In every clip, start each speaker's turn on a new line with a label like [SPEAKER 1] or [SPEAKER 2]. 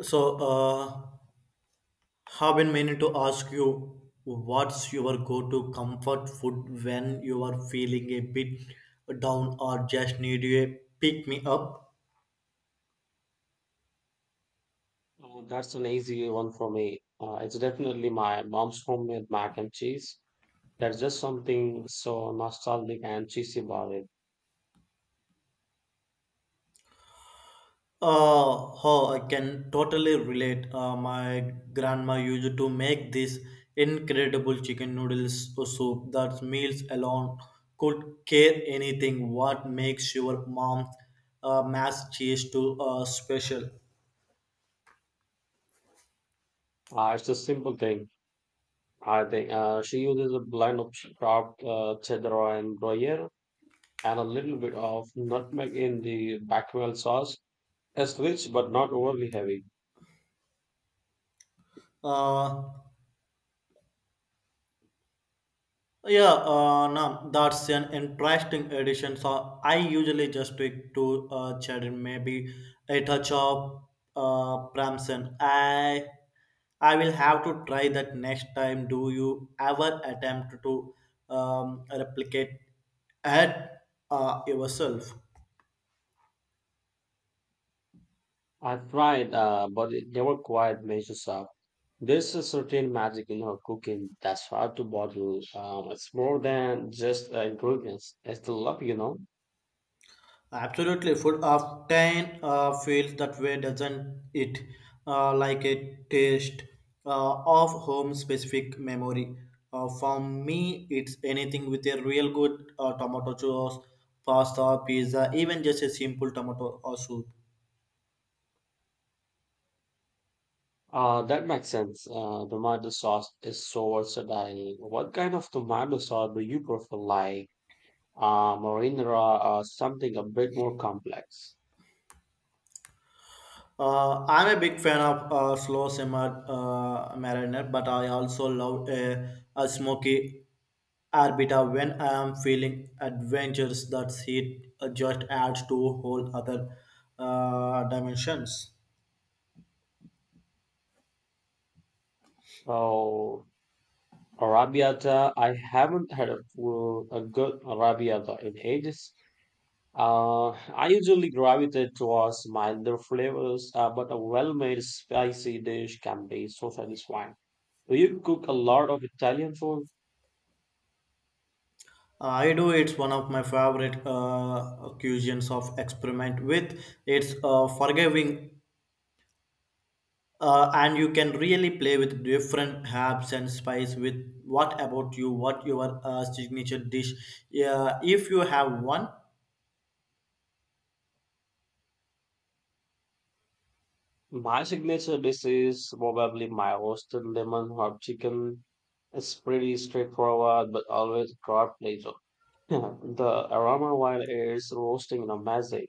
[SPEAKER 1] So, uh, have been meaning to ask you, what's your go-to comfort food when you are feeling a bit down or just need a pick me up?
[SPEAKER 2] That's an easy one for me. It's definitely my mom's homemade mac and cheese. There's just something so nostalgic and cheesy about it.
[SPEAKER 1] Oh, I can totally relate. My grandma used to make this incredible chicken noodles soup that meals alone could care anything. What makes your mom's mass cheese too special?
[SPEAKER 2] It's a simple thing. I think she uses a blend of chopped cheddar and gruyere and a little bit of nutmeg in the bechamel sauce. It's rich but not overly heavy.
[SPEAKER 1] Uh, Yeah, no, that's an interesting addition. So I usually just stick to cherry, maybe a touch of Pramson. I will have to try that next time. Do you ever attempt to replicate at yourself?
[SPEAKER 2] I've tried, but it never quite measures up. There's a certain magic in her cooking that's hard to bottle. It's more than just ingredients. It's the love.
[SPEAKER 1] Absolutely, food often feels that way, doesn't it? Like a taste of home-specific memory. For me, it's anything with a real good tomato sauce, pasta, pizza, even just a simple tomato or soup.
[SPEAKER 2] That makes sense. Tomato sauce is so versatile. What kind of tomato sauce do you prefer, like marinara or something a bit more complex?
[SPEAKER 1] I'm a big fan of slow simmer mariner, but I also love a smoky Arbita when I am feeling adventures that it just adds to whole other dimensions.
[SPEAKER 2] Oh, arrabbiata. I haven't had a good arrabbiata in ages. I usually gravitate towards milder flavors, but a well-made spicy dish can be so satisfying. Do you cook a lot of Italian food?
[SPEAKER 1] I do, it's one of my favorite occasions of experiment with. It's forgiving, and you can really play with different herbs and spice with. What about you, what your signature dish? Yeah, if you have one.
[SPEAKER 2] My signature dish is probably my roasted lemon herb chicken. It's pretty straightforward, but always a crowd pleaser. The aroma while it's roasting is amazing.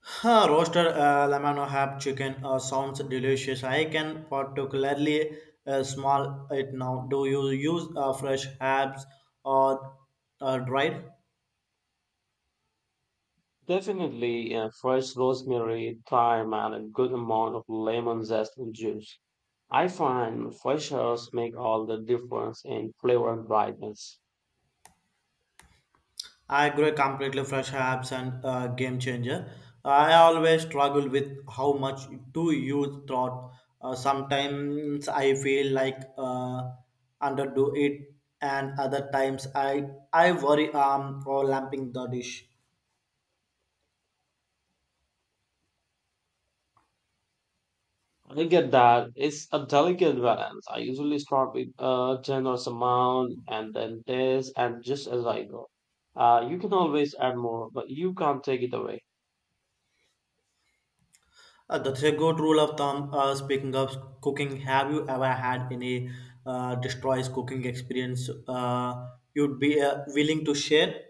[SPEAKER 1] Roasted lemon or half chicken sounds delicious. I can particularly smell it now. Do you use fresh herbs or dried?
[SPEAKER 2] Definitely, fresh rosemary, thyme, and a good amount of lemon zest and juice. I find freshers make all the difference in flavor and brightness.
[SPEAKER 1] I agree completely, fresh herbs and game changer. I always struggle with how much to use throughout. Sometimes I feel like underdo it, and other times I worry for lamping the dish.
[SPEAKER 2] I get that. It's a delicate balance. I usually start with a generous amount and then this and just as I go. You can always add more, but you can't take it away.
[SPEAKER 1] That's a good rule of thumb. Speaking of cooking, have you ever had any destroys cooking experience you'd be willing to share?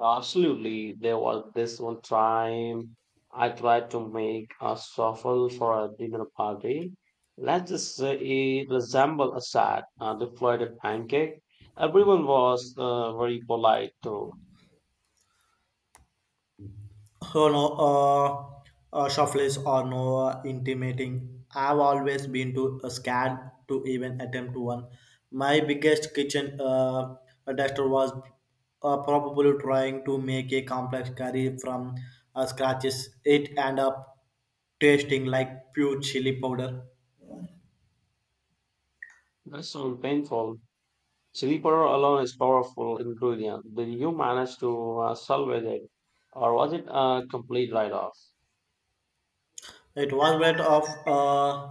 [SPEAKER 2] Absolutely. There was this one time I tried to make a shuffle for a dinner party. Let's just say it resembled a sad, deflated pancake. Everyone was very polite too.
[SPEAKER 1] Oh, no, shuffles or no intimating. I've always been too scared to even attempt one. My biggest kitchen disaster was probably trying to make a complex curry from scratches. It ended up tasting like pure chili powder.
[SPEAKER 2] That's so painful. Chili powder alone is powerful ingredient. Did you manage to salvage it, or was it a complete write-off?
[SPEAKER 1] It was bit of a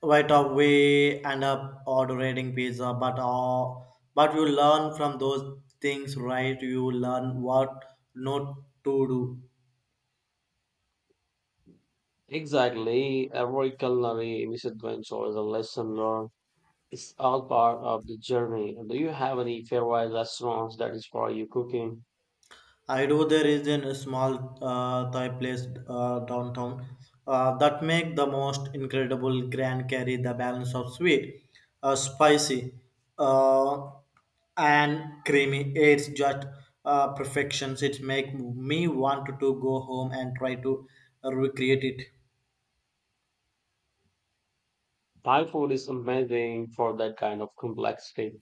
[SPEAKER 1] bit of we end up ordering pizza, but but you learn from those things, right? You learn what not to do.
[SPEAKER 2] Exactly. Every culinary misadventure is a lesson learned. It's all part of the journey. Do you have any favorite restaurants that is for you cooking?
[SPEAKER 1] I do. There is in a small Thai place downtown that make the most incredible grand curry. The balance of sweet, spicy, uh, and creamy. It's just perfections. It make me want to go home and try to recreate it.
[SPEAKER 2] Thai food is amazing for that kind of complexity.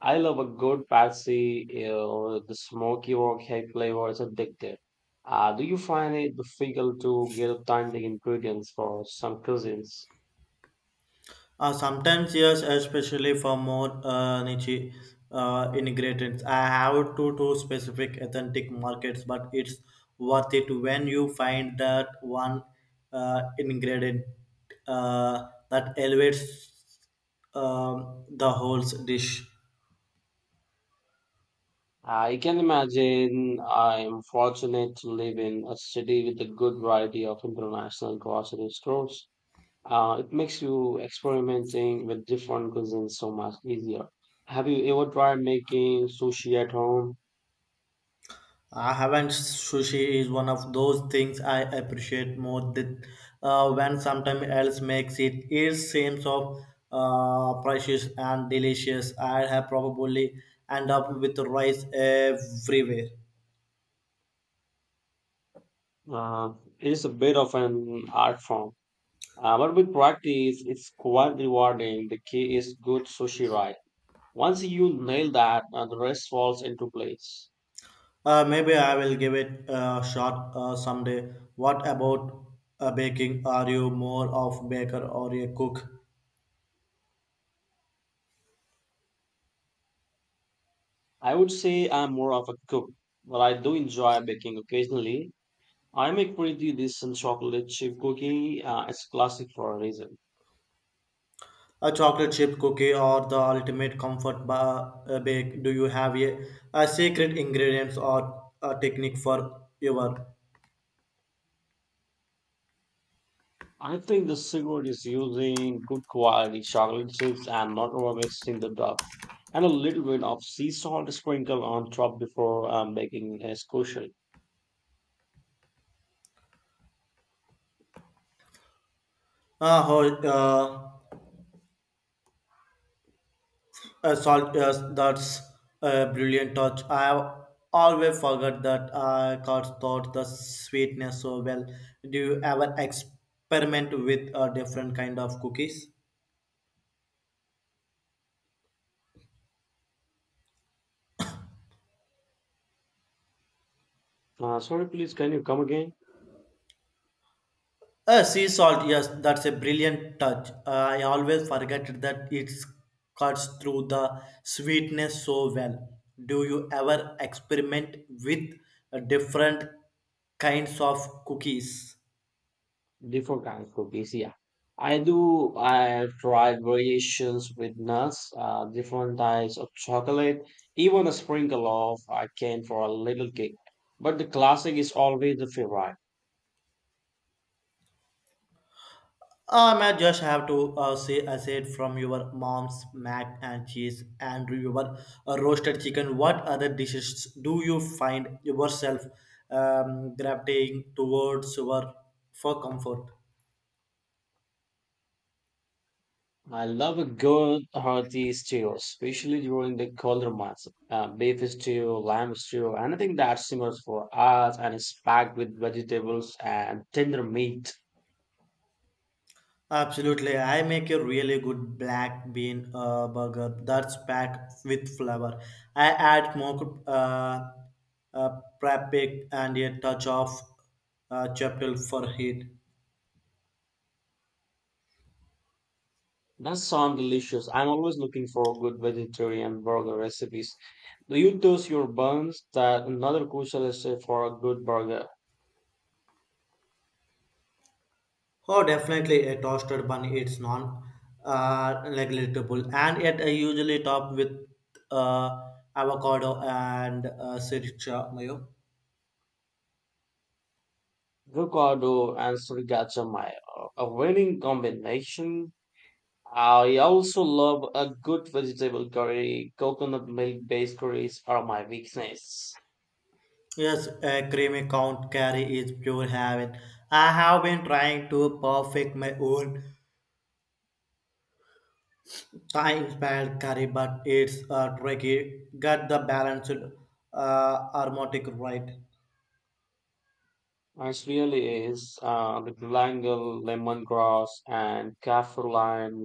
[SPEAKER 2] I love a good patsy. You know, the smoky or flavor is addictive. Do you find it difficult to get authentic ingredients for some cuisines?
[SPEAKER 1] Sometimes yes, especially for more niche ingredients. I have two specific authentic markets, but it's worth it when you find that one ingredient that elevates the whole dish.
[SPEAKER 2] I can imagine I'm fortunate to live in a city with a good variety of international grocery stores. It makes you experimenting with different cuisines so much easier. Have you ever tried making sushi at home?
[SPEAKER 1] I haven't. Sushi is one of those things I appreciate more than when sometime else makes it. It seems of precious and delicious. I have probably end up with rice everywhere.
[SPEAKER 2] Uh, it is a bit of an art form, but with practice, it's quite rewarding. The key is good sushi right. Once you nail that, the rest falls into place.
[SPEAKER 1] Maybe I will give it a shot someday. What about baking? Are you more of baker or a cook?
[SPEAKER 2] I would say I'm more of a cook, but I do enjoy baking occasionally. I make pretty decent chocolate chip cookie. It's classic for a reason.
[SPEAKER 1] A chocolate chip cookie or the ultimate comfort bake. Do you have a secret ingredients or a technique for your
[SPEAKER 2] I think the secret is using good quality chocolate chips and not overmixing the dough, and a little bit of sea salt sprinkle on top before baking is crucial.
[SPEAKER 1] whole, salt? Yes, that's a brilliant touch. I have always forgot that I cut thought the sweetness so well. Do you ever experiment with a different kind of cookies?
[SPEAKER 2] Sorry, please, can you come again?
[SPEAKER 1] Sea salt, yes, that's a brilliant touch. I always forget that it cuts through the sweetness so well. Do you ever experiment with different kinds of cookies?
[SPEAKER 2] Different kind of cookies, yeah. I do. I have tried variations with nuts, different types of chocolate, even a sprinkle of cane for a little kick. But the classic is always the favorite.
[SPEAKER 1] I just have to say, I said from your mom's mac and cheese and your roasted chicken. What other dishes do you find yourself gravitating towards your for comfort?
[SPEAKER 2] I love a good hearty stew, especially during the colder months. Beef stew, lamb stew, anything that simmers for hours and is packed with vegetables and tender meat.
[SPEAKER 1] Absolutely. I make a really good black bean burger that's packed with flavor. I add more uh, paprika and a touch of chipotle for heat.
[SPEAKER 2] That sounds delicious. I'm always looking for good vegetarian burger recipes. Do you toast your buns? That another crucial step for a good burger.
[SPEAKER 1] Oh, definitely a toasted bun. It's non negligible. And yet I usually top with uh, avocado and sriracha mayo.
[SPEAKER 2] Avocado and sriracha mayo, a winning combination. I also love a good vegetable curry. Coconut milk based curries are my weakness.
[SPEAKER 1] Yes, a creamy count carry is pure heaven. I have been trying to perfect my own Thai inspired curry, but it's tricky. Get the balanced aromatic right.
[SPEAKER 2] It really is. The galangal, lemongrass, and kaffir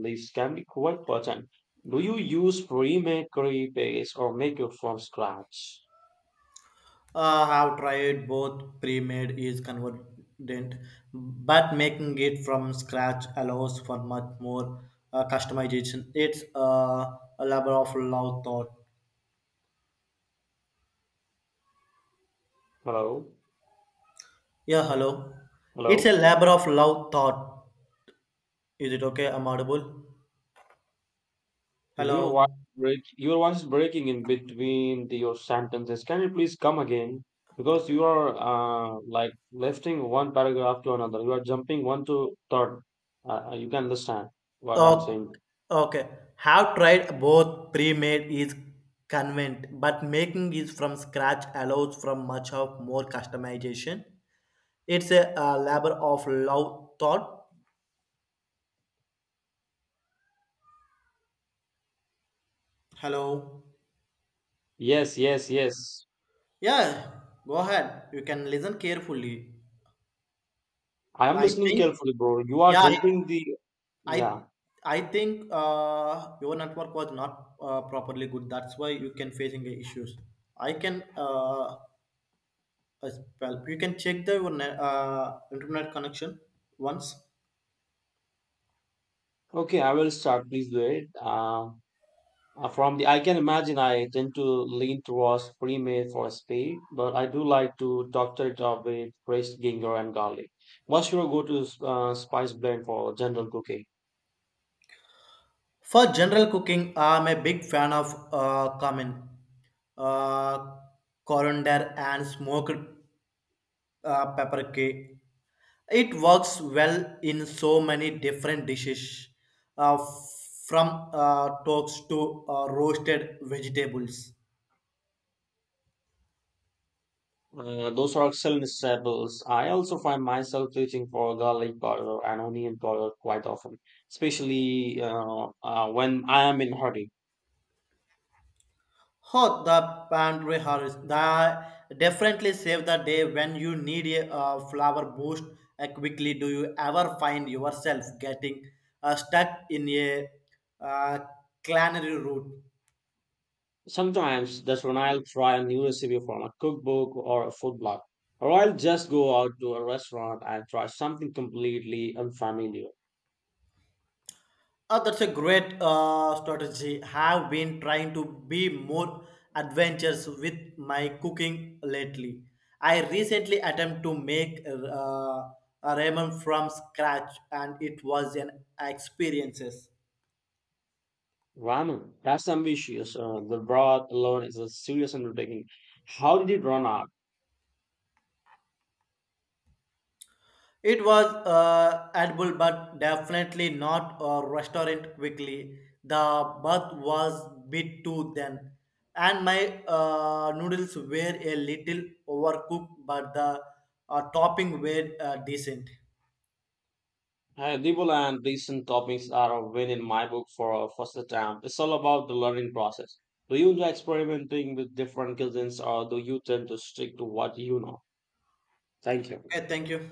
[SPEAKER 2] leaves can be quite potent. Do you use pre-made curry paste or make it from scratch?
[SPEAKER 1] Have tried both, pre-made is convenient, but making it from scratch allows for much more customization. It's a labor of love thought.
[SPEAKER 2] Hello?
[SPEAKER 1] Yeah, hello. It's a
[SPEAKER 2] Hello?
[SPEAKER 1] labor of love thought. Is it okay? I'm audible.
[SPEAKER 2] Your voice,
[SPEAKER 1] Hello.
[SPEAKER 2] break, your voice is breaking in between your sentences. Can you please come again? Because you are like lifting one paragraph to another. You are jumping one to third. You can understand what I'm
[SPEAKER 1] Oh,
[SPEAKER 2] saying.
[SPEAKER 1] okay. Have tried both, pre-made is convenient, but making is from scratch allows from much of more customization. It's a, labor of love thought. Hello.
[SPEAKER 2] Yes, yes, yes.
[SPEAKER 1] Yeah, go ahead. You can listen carefully.
[SPEAKER 2] I am
[SPEAKER 1] I
[SPEAKER 2] listening
[SPEAKER 1] think.
[SPEAKER 2] carefully, bro. You are
[SPEAKER 1] Yeah,
[SPEAKER 2] jumping the.
[SPEAKER 1] I,
[SPEAKER 2] Yeah.
[SPEAKER 1] I think your network was not properly good. That's why you can facing the issues. I can as well. You can check the your internet connection once.
[SPEAKER 2] Okay, I will start. Please wait. I can imagine I tend to lean towards pre-made for speed, but I do like to doctor it up with fresh ginger and garlic. What's your go-to spice blend for general cooking?
[SPEAKER 1] For general cooking, I'm a big fan of cumin, uh, coriander, and smoked paprika. It works well in so many different dishes, uh, from toast to roasted vegetables.
[SPEAKER 2] Those are excellent staples. I also find myself reaching for garlic powder and onion powder quite often, especially when I am in hurry.
[SPEAKER 1] Oh, the pantry hurries. That definitely save the day when you need a flower boost quickly. Do you ever find yourself getting stuck in a uh, culinary route?
[SPEAKER 2] Sometimes that's when I'll try a new recipe from a cookbook or a food blog, or I'll just go out to a restaurant and try something completely unfamiliar.
[SPEAKER 1] Oh, that's a great strategy. Have been trying to be more adventurous with my cooking lately. I recently attempted to make a ramen from scratch, and it was an experiences.
[SPEAKER 2] Ramen, that's ambitious. The broth alone is a serious undertaking. How did it run out?
[SPEAKER 1] It was edible, but definitely not a restaurant quickly. The bath was bit too thin, and my noodles were a little overcooked, but the topping were decent.
[SPEAKER 2] Dibble and decent toppings are a win in my book for a first attempt. It's all about the learning process. Do you enjoy experimenting with different cuisines or do you tend to stick to what you know? Thank you.
[SPEAKER 1] Okay, thank you.